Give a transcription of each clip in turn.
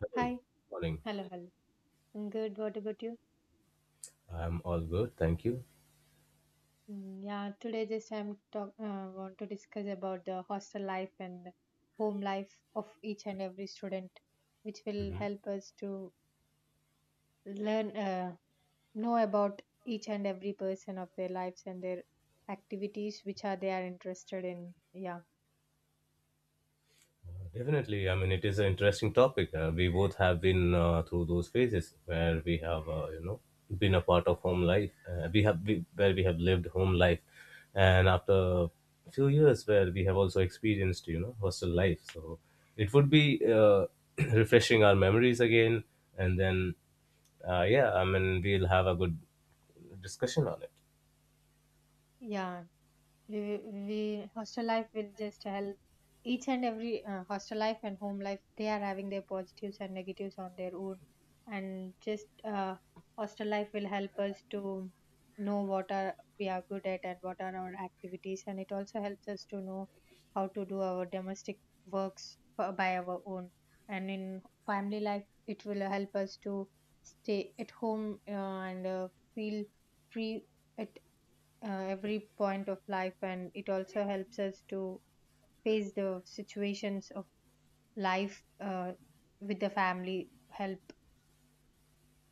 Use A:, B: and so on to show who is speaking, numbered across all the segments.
A: Good
B: Hi.
A: morning.
B: Hello, hello. I'm good. What about you?
A: I'm all good. Thank you.
B: Mm, yeah, today just I'm talk want to discuss about the hostel life and home life of each and every student, which will
A: Mhm.
B: help us to learn know about each and every person of their lives and their activities which are they are interested in. Yeah.
A: Definitely. I mean, it is an interesting topic. We both have been through those phases where we have, been a part of home life. Where we have lived home life, and after a few years, where we have also experienced, hostel life. So it would be uh, refreshing our memories again, and then, yeah, I mean, we'll have a good discussion on it.
B: Yeah, we, we hostel life will just help each and every hostel life and home life they are having their positives and negatives on their own, and just hostel life will help us to know what are we are good at and what are our activities, and it also helps us to know how to do our domestic works for, by our own. And in family life it will help us to stay at home, and feel free at every point of life, and it also helps us to face the situations of life with the family help.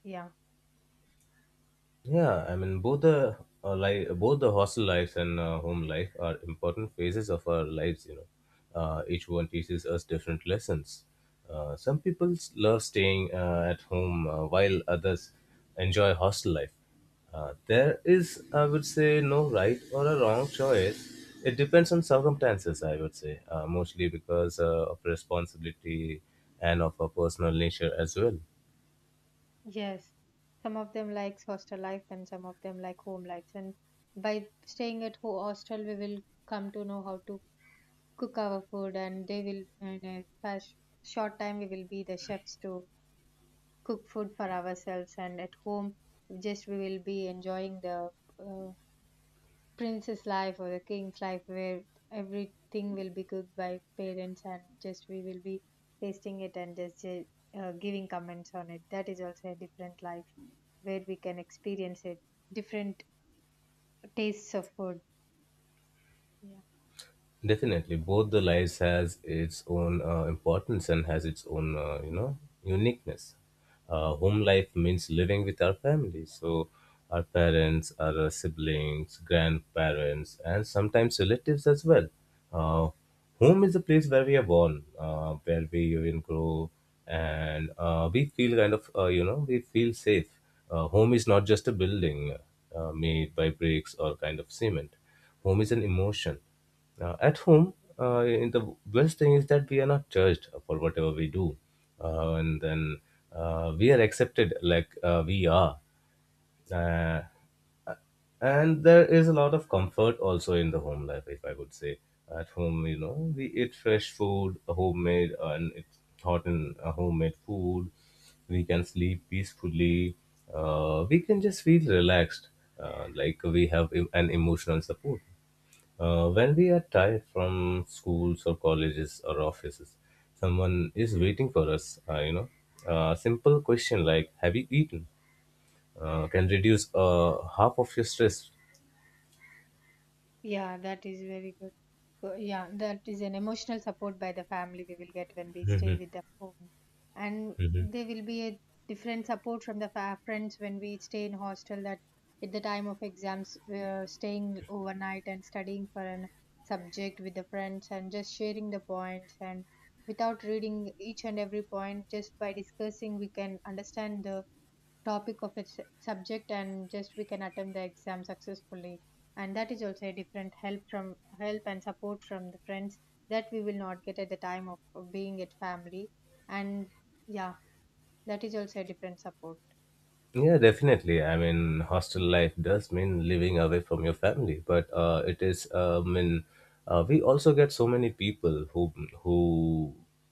B: Yeah.
A: Yeah, I mean both the hostel lives and home life are important phases of our lives. You know, each one teaches us different lessons. Some people love staying at home while others enjoy hostel life. There is, I would say, no right or a wrong choice. It depends on circumstances, I would say, mostly because of responsibility and of a personal nature as well.
B: Yes, some of them likes hostel life and some of them like home lives, and by staying at hostel we will come to know how to cook our food, and they will in a fast, short time we will be the chefs to cook food for ourselves. And at home just we will be enjoying the uh, prince's life or the king's life where everything will be cooked by parents and just we will be tasting it, and just giving comments on it. That is also a different life where we can experience it different tastes of food. Yeah.
A: Definitely, both the lives has its own importance and has its own uniqueness. Home life means living with our family, so our parents, our siblings, grandparents, and sometimes relatives as well. Uh, Home is the place where we are born, where we even grow, and we feel kind of, we feel safe. Home is not just a building made by bricks or kind of cement. Home is an emotion. At home, in the best thing is that we are not judged for whatever we do, and then we are accepted like we are. Uh, and there is a lot of comfort also in the home life, if I would say. At home, we eat fresh food, homemade, and it's hot and homemade food. We can sleep peacefully. We can just feel relaxed, like we have an emotional support. When we are tired from schools or colleges or offices, someone is waiting for us. A simple question like "Have you eaten?" Can reduce half of your stress.
B: Yeah, that is very good. So, yeah, that is an emotional support by the family we will get when we stay with the home. And there will be a different support from the friends when we stay in hostel, that at the time of exams, we're staying overnight and studying for an subject with the friends and just sharing the points, and without reading each and every point, just by discussing, we can understand the topic of its subject and just we can attempt the exam successfully. And that is also a different help from help and support from the friends that we will not get at the time of being at family. And yeah, that is also a different support.
A: Yeah, definitely. I mean, hostel life does mean living away from your family, but it is. I mean, we also get so many people who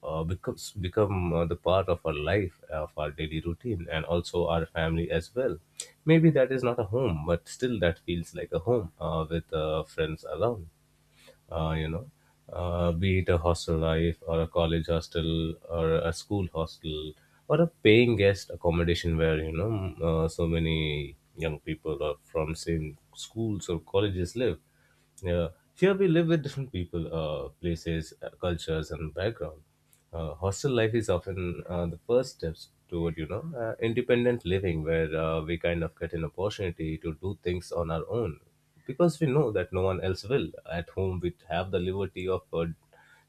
A: become the part of our life, of our daily routine, and also our family as well. Maybe that is not a home, but still that feels like a home with friends around, uh, you know, be it a hostel life or a college hostel or a school hostel or a paying guest accommodation where, so many young people are from same schools or colleges live. Yeah. Here we live with different people, places, cultures, and background. Hostel life is often the first steps toward independent living, where we kind of get an opportunity to do things on our own, because we know that no one else will. At home, we have the liberty of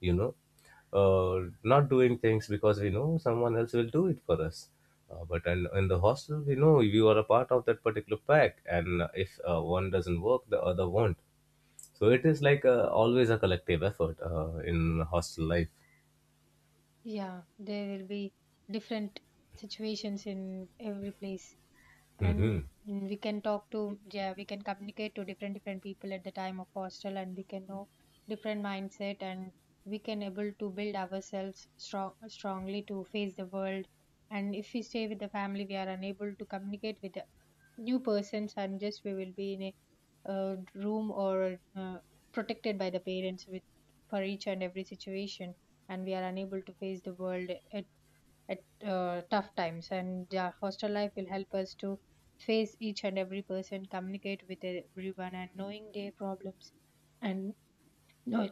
A: you know not doing things because we know someone else will do it for us. But in the hostel, we know you are a part of that particular pack, and if one doesn't work, the other won't. So it is like always a collective effort in hostel life.
B: Yeah, there will be different situations in every place. And
A: Hmm.
B: we can talk to, yeah, we can communicate to different different people at the time of hostel, and we can know different mindset, and we can able to build ourselves strong strongly to face the world. And if we stay with the family we are unable to communicate with the new persons, and just we will be in a room or protected by the parents with for each and every situation, and we are unable to face the world at tough times. And yeah, hostel life will help us to face each and every person, communicate with everyone and knowing their problems, and know,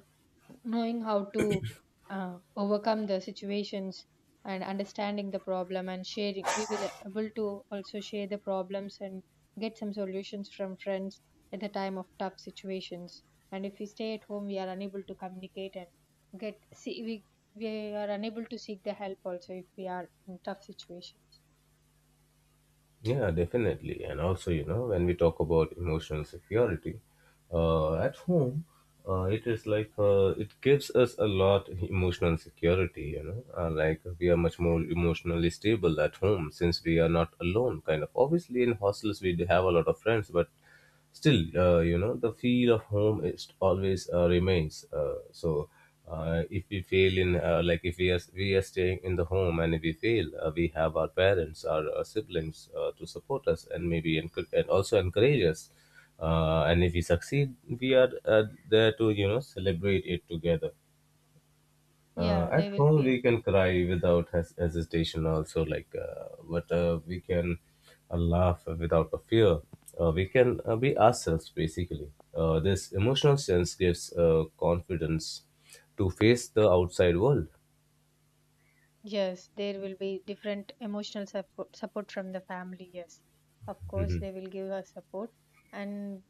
B: knowing how to overcome the situations and understanding the problem and sharing, we will able to also share the problems and get some solutions from friends at the time of tough situations. And if we stay at home we are unable to communicate and get see we are unable to seek the help also if we are in tough situations.
A: Yeah, definitely. And also, you know, when we talk about emotional security, at home, it is like it gives us a lot emotional security. You know, like we are much more emotionally stable at home since we are not alone. Kind of obviously in hostels we do have a lot of friends, but still the feel of home is always remains, so if we fail in, like if we are staying in the home and if we fail, we have our parents, our siblings to support us and maybe and also encourage us, and if we succeed we are there to celebrate it together.
B: Yeah,
A: At
B: they will
A: home,
B: be.
A: we can cry without hesitation, also, like, but we can laugh without a fear. We can be ourselves, basically. This emotional sense gives confidence to face the outside world.
B: Yes, there will be different emotional support, support from the family. Yes, of course, they will give us support. And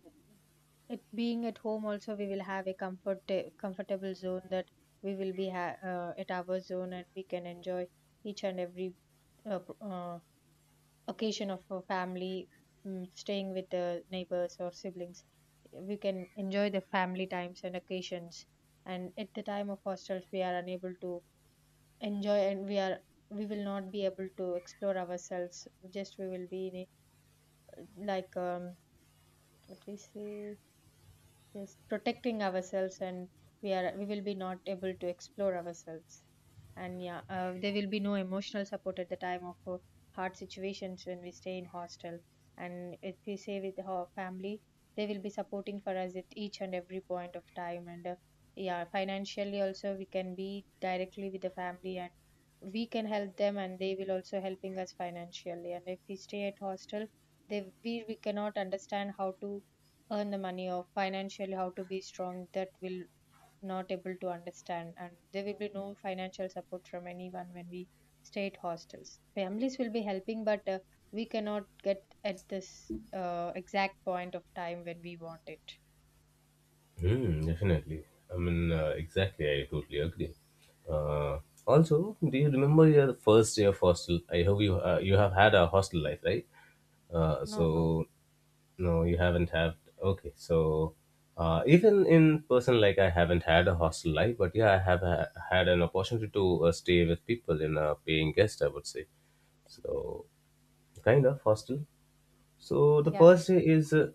B: it being at home also, we will have a comfort, comfortable zone, that we will be at our zone and we can enjoy each and every uh, p- uh, occasion of a family, staying with the neighbors or siblings. We can enjoy the family times and occasions. And at the time of hostels, we are unable to enjoy, and we will not be able to explore ourselves. Just we will be in like, what we say, just protecting ourselves, and we will be not able to explore ourselves. And yeah, there will be no emotional support at the time of hard situations when we stay in hostel. And if we stay with our family they will be supporting for us at each and every point of time. And yeah, financially also we can be directly with the family and we can help them, and they will also helping us financially. And if we stay at hostel they we cannot understand how to earn the money or financially how to be strong, that will not able to understand, and there will be no financial support from anyone when we stay at hostels. Families will be helping, but we cannot get at this exact point of time when we want it.
A: Mm, definitely. I mean, exactly. I totally agree. Uh, Also, do you remember your first day of hostel? I hope you have had a hostel life, right?
B: No, no.
A: So no, you haven't had. Okay, so even in person, like I haven't had a hostel life, but yeah, I have had an opportunity to stay with people in a paying guest, I would say. So kind of hostel. So the
B: Yeah.
A: first day is uh,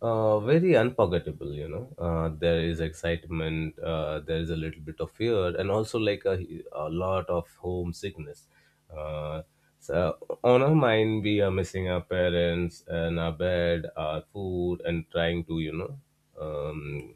A: uh, very unforgettable, you know. There is excitement, there is a little bit of fear, and also like a lot of homesickness. Uh, so on our mind, we are missing our parents and our bed, our food, and trying to, um,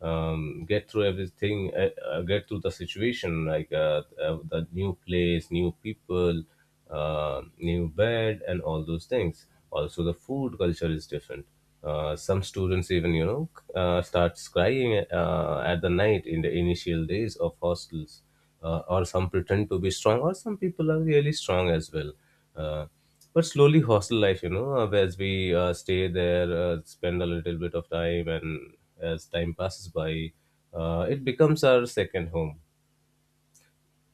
A: get through everything, get through the situation, like the new place, new people, new bed, and all those things. Also, the food culture is different. Some students even starts crying at the night in the initial days of hostels, or some pretend to be strong, or some people are really strong as well. Uh, but slowly hostel life, as we stay there, spend a little bit of time and as time passes by, it becomes our second home.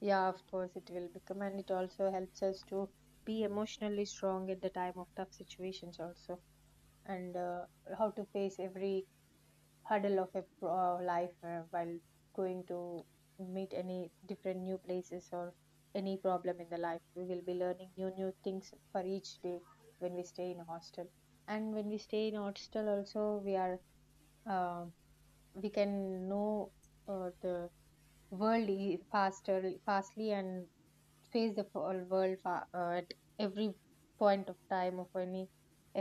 B: Yeah, of course it will become, and it also helps us to be emotionally strong at the time of tough situations also. And how to face every hurdle of a life while going to meet any different new places or any problem in the life, we will be learning new new things for each day when we stay in a hostel. And when we stay in a hostel also we are, um, we can know the world faster fastly and face the whole world at every point of time of any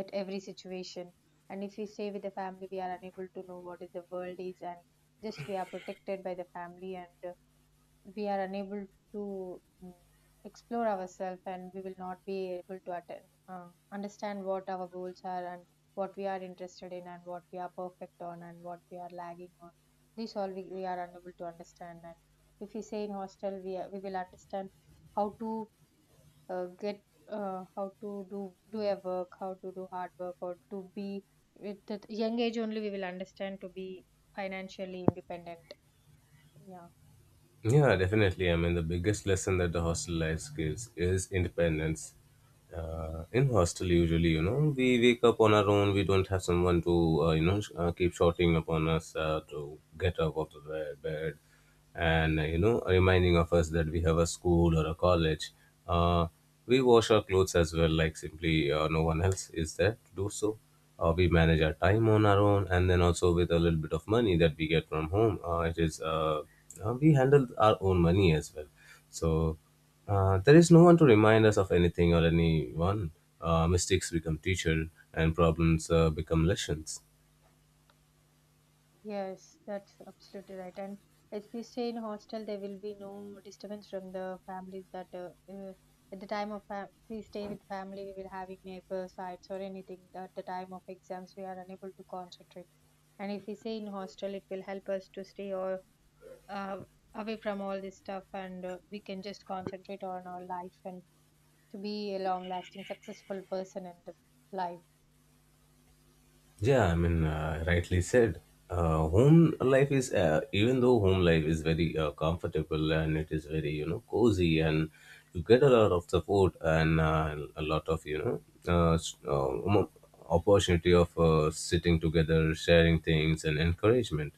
B: at every situation. And if we stay with the family we are unable to know what is the world is, and just we are protected by the family, and we are unable to explore ourselves, and we will not be able to understand what our goals are and what we are interested in and what we are perfect on and what we are lagging on. This all we are unable to understand. And if we say in hostel, we will understand how to uh, get, how to do a work, how to do hard work or to be, with the young age only we will understand to be financially independent. Yeah.
A: Yeah, definitely. I mean, the biggest lesson that the hostel life gives is independence. In hostel, usually, you know, we wake up on our own. We don't have someone to, keep shouting upon us to get up out of the bed, and reminding of us that we have a school or a college. Uh, we wash our clothes as well, like simply no one else is there to do so. We manage our time on our own and then also with a little bit of money that we get from home, it is, we handle our own money as well. So there is no one to remind us of anything or anyone. Mistakes become teacher and problems become lessons.
B: Yes, that's absolutely right. And if we stay in hostel, there will be no disturbance from the families, that at the time of if we stay with family, we will having neighbor sites or anything. At the time of exams, we are unable to concentrate. And if we stay in hostel, it will help us to stay or uh, away from all this stuff, and we can just concentrate on our life and to be a long-lasting, successful person in the life.
A: Yeah, I mean, rightly said. Home life is, even though home life is very comfortable and it is very, you know, cozy and you get a lot of support and a lot of, uh, s- uh, mo- opportunity of sitting together, sharing things and encouragement.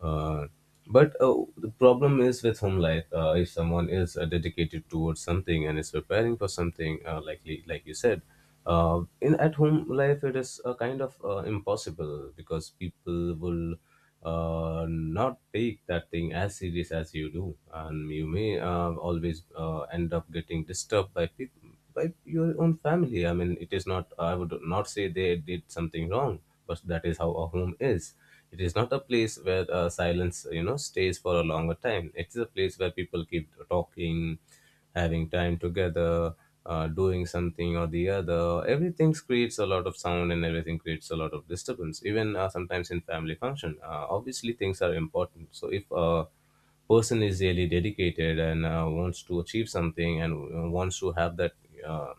A: Uh, but the problem is with home life. If someone is dedicated towards something and is preparing for something, like you said, in at home life it is kind of impossible because people will not take that thing as serious as you do, and you may always end up getting disturbed by people by your own family. I mean, it is not. I would not say they did something wrong, but that is how a home is. It is not a place where silence, you know, stays for a longer time. It is a place where people keep talking, having time together, doing something or the other. Everything creates a lot of sound and everything creates a lot of disturbance. Even sometimes in family function, obviously things are important. So if a person is really dedicated and wants to achieve something and wants to have that uh,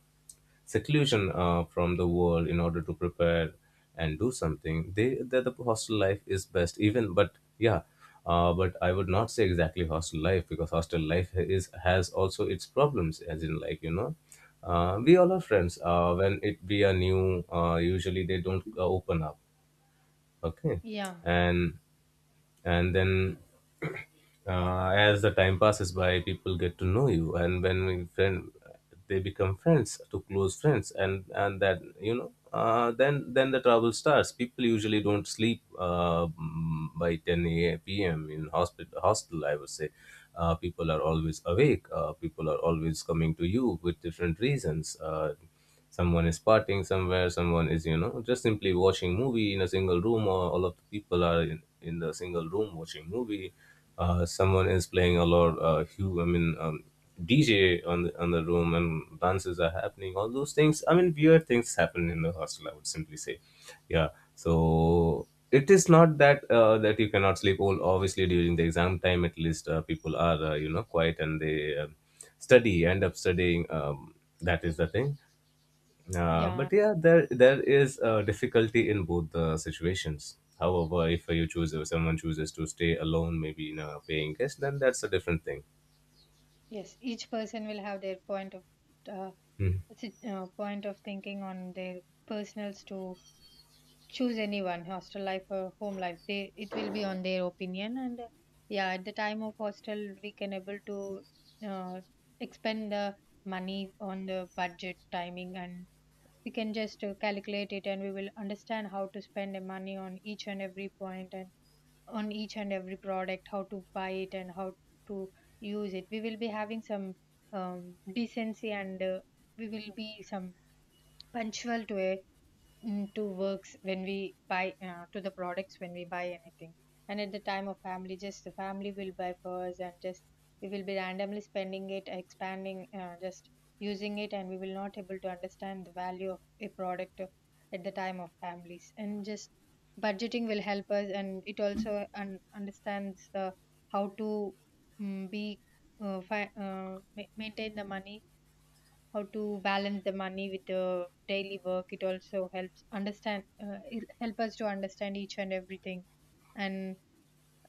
A: seclusion from the world in order to prepare and do something the hostel life is best even but but I would not say exactly hostel life because hostel life is has also its problems as in, like, you know, we all are friends. When it be a new, usually they don't open up. Okay.
B: Yeah,
A: and and then as the time passes by, people get to know you, and when we friend, they become friends to close friends, and that, you know, then the trouble starts. People usually don't sleep by 10 a.m. In hospital, I would say people are always awake. People are always coming to you with different reasons. Someone is partying somewhere, someone is, you know, just simply watching movie in a single room, or all of the people are in the single room watching movie. Someone is playing a lot. DJ on the room and dances are happening, all those things. I mean, weird things happen in the hostel, I would simply say. Yeah. So it is not that that you cannot sleep. All obviously during the exam time, at least people are, you know, quiet, and they study end up studying. That is the thing.
B: yeah,
A: But yeah, there is a difficulty in both the situations. However, if someone chooses to stay alone, maybe in a paying guest, then that's a different thing.
B: yes. Each person will have their point of. Uh,
A: Hmm.
B: Point of thinking on their personals to choose anyone hostel life or home life, they it will be on their opinion. And yeah, at the time of hostel we can able to uh, expend the money on the budget timing, and we can just calculate it, and we will understand how to spend the money on each and every point and on each and every product how to buy it and how to use it. We will be having some decency, and we will be some punctual to a to works when we buy to the products when we buy anything. And at the time of family just the family will buy for us, and just we will be randomly spending it expanding just using it, and we will not able to understand the value of a product at the time of families. And just budgeting will help us, and it also understands the how to be maintain the money, how to balance the money with the daily work. It also helps understand it help us to understand each and everything. And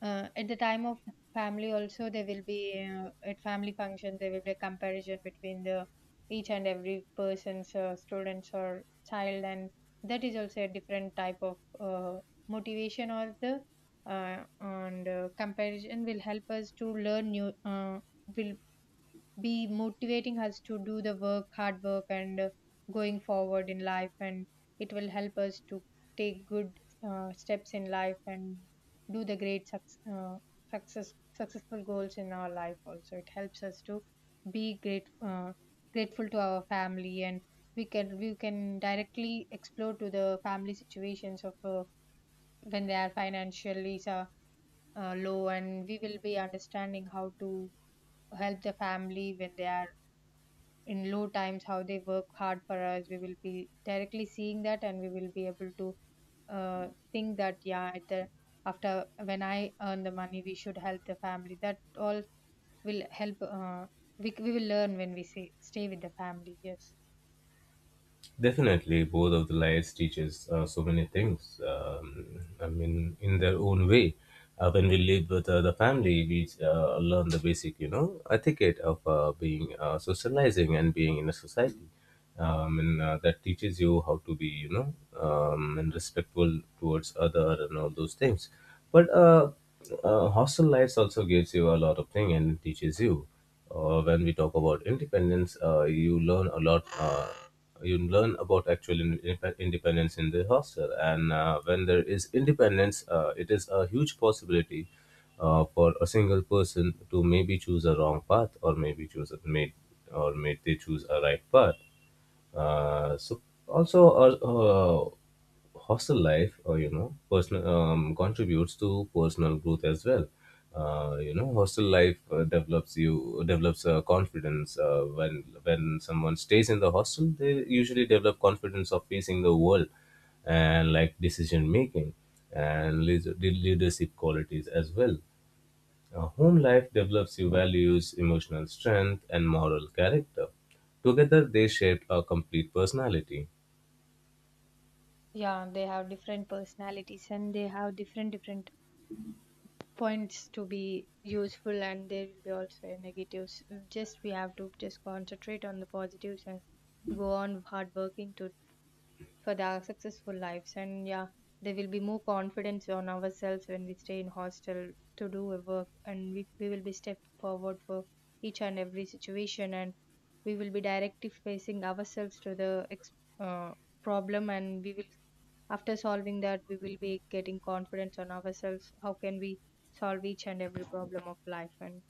B: at the time of family also there will be at family function there will be a comparison between the each and every person's students or child. And that is also a different type of motivation or the and comparison will help us to learn new, will be motivating us to do the work, hard work, and going forward in life. And it will help us to take good steps in life and do the great success successful goals in our life. Also, it helps us to be great grateful to our family, and we can directly explore to the family situations of when they are financially low, and we will be understanding how to help the family when they are in low times. How they work hard for us, we will be directly seeing that, and we will be able to uh, think that, yeah, at the after when I earn the money, we should help the family. That all will help. We will learn when we say stay with the family. Yes,
A: Definitely, both of the lives teaches so many things. I mean, in their own way. When we live with the family, we learn the basic, you know, etiquette of being socializing and being in a society. And that teaches you how to be, you know, and respectful towards other and all those things. But Hostel lives also gives you a lot of thing and teaches you when we talk about independence, you learn a lot. You learn about actual independence in the hostel, and when there is independence, it is a huge possibility for a single person to maybe choose a wrong path, or maybe choose a made, or may they choose a right path. So also hostel life, or, you know, personal, contributes to personal growth as well. You know, hostel life develops confidence. When someone stays in the hostel, they usually develop confidence of facing the world and like decision making and leadership qualities as well. A home life develops your values, emotional strength, and moral character. Together, they shape a complete personality.
B: yeah, they have different personalities, and they have different points to be useful, and there will be also negatives. Just we have to just concentrate on the positives and go on hard working to for their successful lives. And yeah, there will be more confidence on ourselves when we stay in hostel to do a work, and we will be step forward for each and every situation. And we will be directly facing ourselves to the uh, problem, and we will, after solving that, we will be getting confidence on ourselves. How can we solve each and every problem of life? And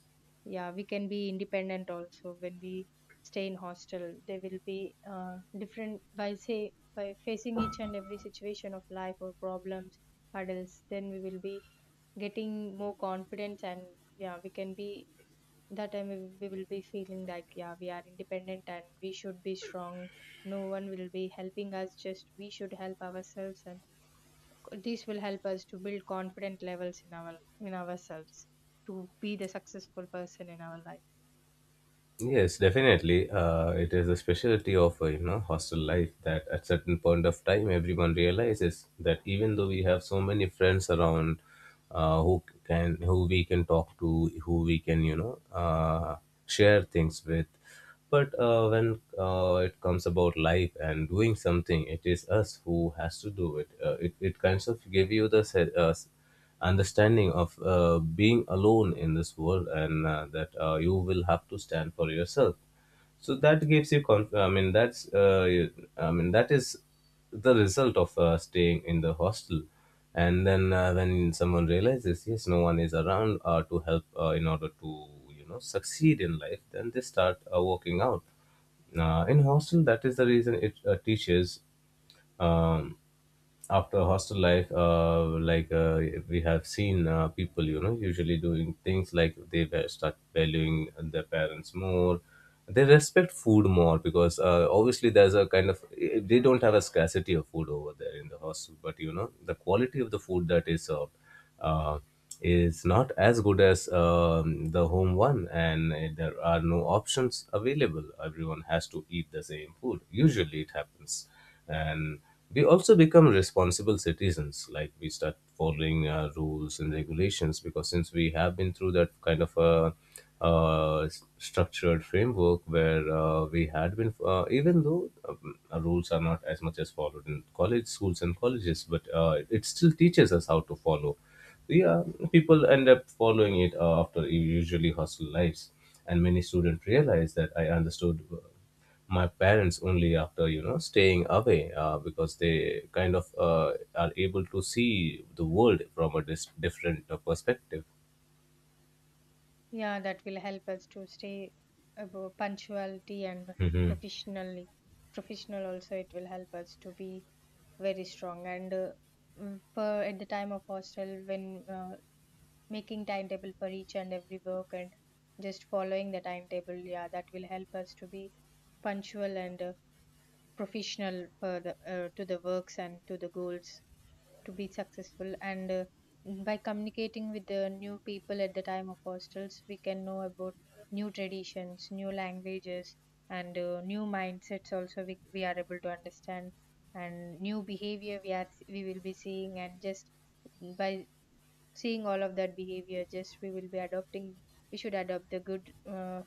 B: yeah, we can be independent also. When we stay in hostel, there will be different by say by facing each and every situation of life or problems, hurdles, then we will be getting more confidence. And yeah, we can be, that time we will be feeling like, yeah, we are independent and we should be strong. No one will be helping us, just we should help ourselves, and this will help us to build confident levels in our in ourselves to be the successful person in our life.
A: Yes, definitely. It is a specialty of you know, hostel life that at certain point of time everyone realizes that even though we have so many friends around, who we can talk to, who we can, you know, share things with, but when it comes about life and doing something, it is us who has to do it. It kinds of give you the understanding of being alone in this world and that you will have to stand for yourself, so that gives you that's that is the result of staying in the hostel. And then when someone realizes yes no one is around to help in order to, you know, succeed in life, then they start working out in hostel. That is the reason it teaches. um, After hostel life, like uh, we have seen people, you know, usually doing things like they start valuing their parents more. They respect food more because obviously there's a kind of, they don't have a scarcity of food over there in the hostel, but, you know, the quality of the food that is served uh, is not as good as the home one, and there are no options available. Everyone has to eat the same food. Usually, it happens, and we also become responsible citizens. Like we start following rules and regulations, because since we have been through that kind of a structured framework where we had been, even though our rules are not as much as followed in college, schools and colleges, but it still teaches us how to follow. Yeah, people end up following it after usually hustle lives, and many students realize that I understood my parents only after, you know, staying away because they kind of are able to see the world from a different perspective.
B: Yeah, that will help us to stay above punctuality, and professionally professional also. It will help us to be very strong. And per at the time of hostel, when making timetable for each and every work and just following the timetable, yeah, that will help us to be punctual and professional for the, to the works and to the goals to be successful. And by communicating with the new people at the time of hostels, we can know about new traditions, new languages, and new mindsets also. We are able to understand. And new behavior we are we will be seeing, and just by seeing all of that behavior, just we will be adopting, we should adopt the good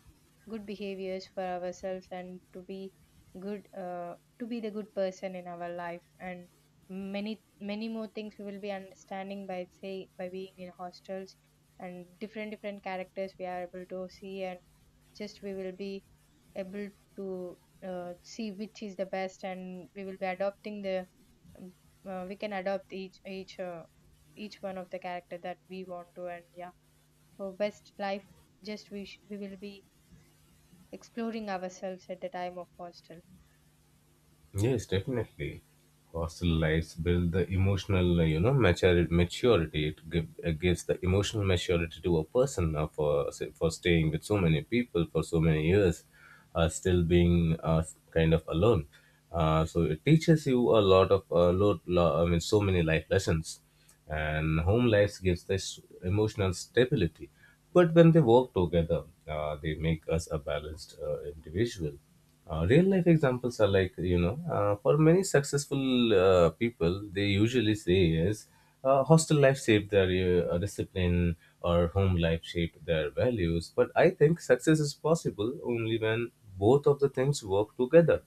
B: good behaviors for ourselves and to be good to be the good person in our life. And many many more things we will be understanding by say by being in hostels. And different characters we are able to see, and just we will be able to see which is the best, and we will be adopting the um, we can adopt each one of the character that we want to. And yeah, for best life, just we will be exploring ourselves at the time of hostel.
A: Yes, definitely. Hostel lives build the emotional, you know, maturity. It gives the emotional maturity to a person for say, for staying with so many people for so many years, still being kind of alone. So it teaches you I mean, so many life lessons, and home life gives this emotional stability. But when they work together, they make us a balanced individual. Real life examples are like, you know, for many successful people, they usually say is hostel life shaped their discipline or home life shaped their values. But I think success is possible only when both of the things work together.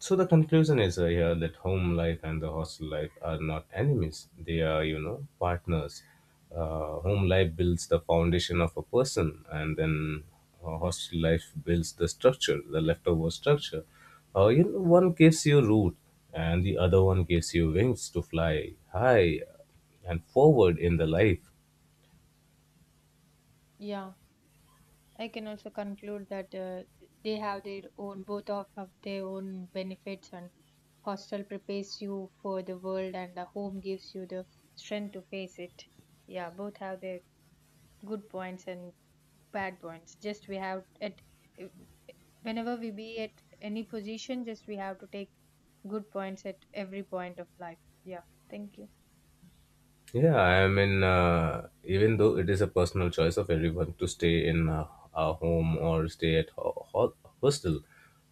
A: So the conclusion is here, that home life and the hostel life are not enemies. They are, you know, partners. Home life builds the foundation of a person, and then hostel life builds the structure, the leftover structure. You know, one gives you root, and the other one gives you wings to fly high and forward in the life.
B: Yeah, I can also conclude that they have their own, both of have their own benefits, and hostel prepares you for the world, and the home gives you the strength to face it. Yeah, both have their good points and bad points. Just we have it. Whenever we be at any position, just we have to take good points at every point of life. Yeah, thank you.
A: Yeah, even though it is a personal choice of everyone to stay in a home or stay at hostel,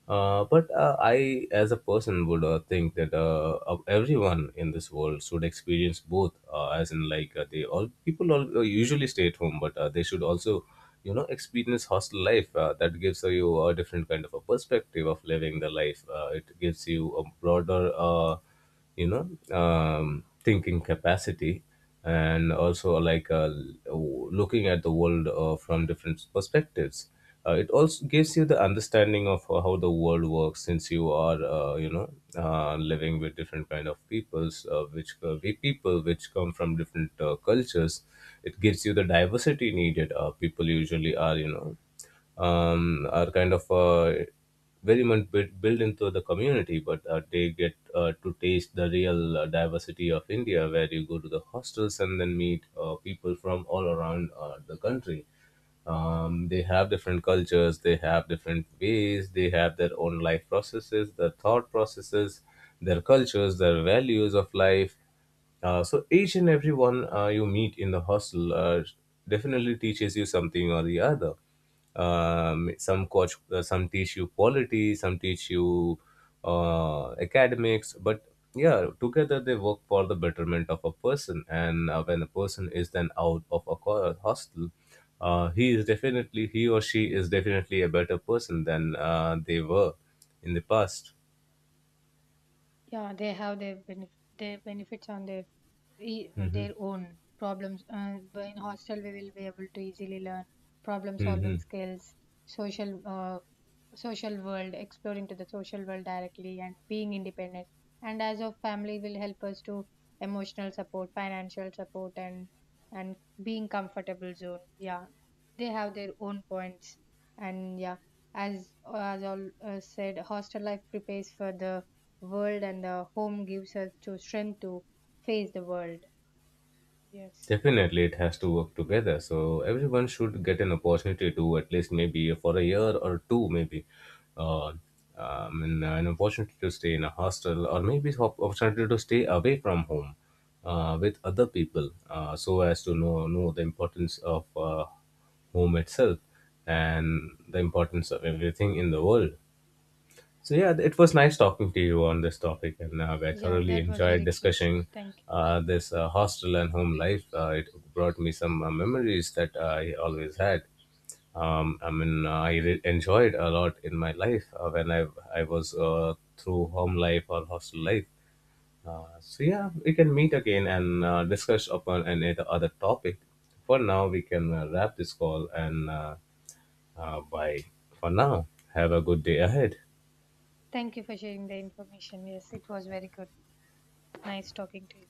A: but I, as a person, would think that of everyone in this world should experience both. As in, like, they all people all usually stay at home, but they should also, you know, experience hostel life. That gives you a different kind of a perspective of living the life. It gives you a broader. You know, thinking capacity, and also like looking at the world from different perspectives. It also gives you the understanding of how the world works, since you are, you know, living with different kind of peoples, which we people which come from different cultures. It gives you the diversity needed. People usually are, you know, are kind of, very much built into the community, but they get to taste the real diversity of India, where you go to the hostels and then meet people from all around the country. They have different cultures, they have different ways, they have their own life processes, their thought processes, their cultures, their values of life. So each and every one you meet in the hostel definitely teaches you something or the other. Some coach, some teach you quality, some teach you academics, but yeah, together they work for the betterment of a person. And when a person is then out of a hostel, he or she is definitely a better person than they were in the past.
B: Yeah, they have their their benefits on their on their own problems. But in hostel, we will be able to easily learn problem
A: Hmm.
B: solving skills, social social world, exploring to the social world directly, and being independent. And as of family, will help us to emotional support, financial support, and being comfortable zone. Yeah, they have their own points, and yeah, as as all said, hostel life prepares for the world and the home gives us to strength to face the world. Yes.
A: Definitely, it has to work together. So everyone should get an opportunity to at least maybe for a year or two, maybe, uh, an opportunity to stay in a hostel, or maybe opportunity to stay away from home with other people, so as to know the importance of home itself, and the importance of everything in the world. So yeah, it was nice talking to you on this topic, and I
B: Yeah,
A: thoroughly
B: that was
A: enjoyed
B: very good said.
A: discussing
B: Thank you.
A: this hostel and home life. It brought me some memories that I always had. I enjoyed a lot in my life when I was through home life or hostel life. So yeah, we can meet again and discuss upon any other topic. For now, we can wrap this call, and bye. For now, have a good day ahead.
B: Thank you for sharing the information. Yes, it was very good. Nice talking to you.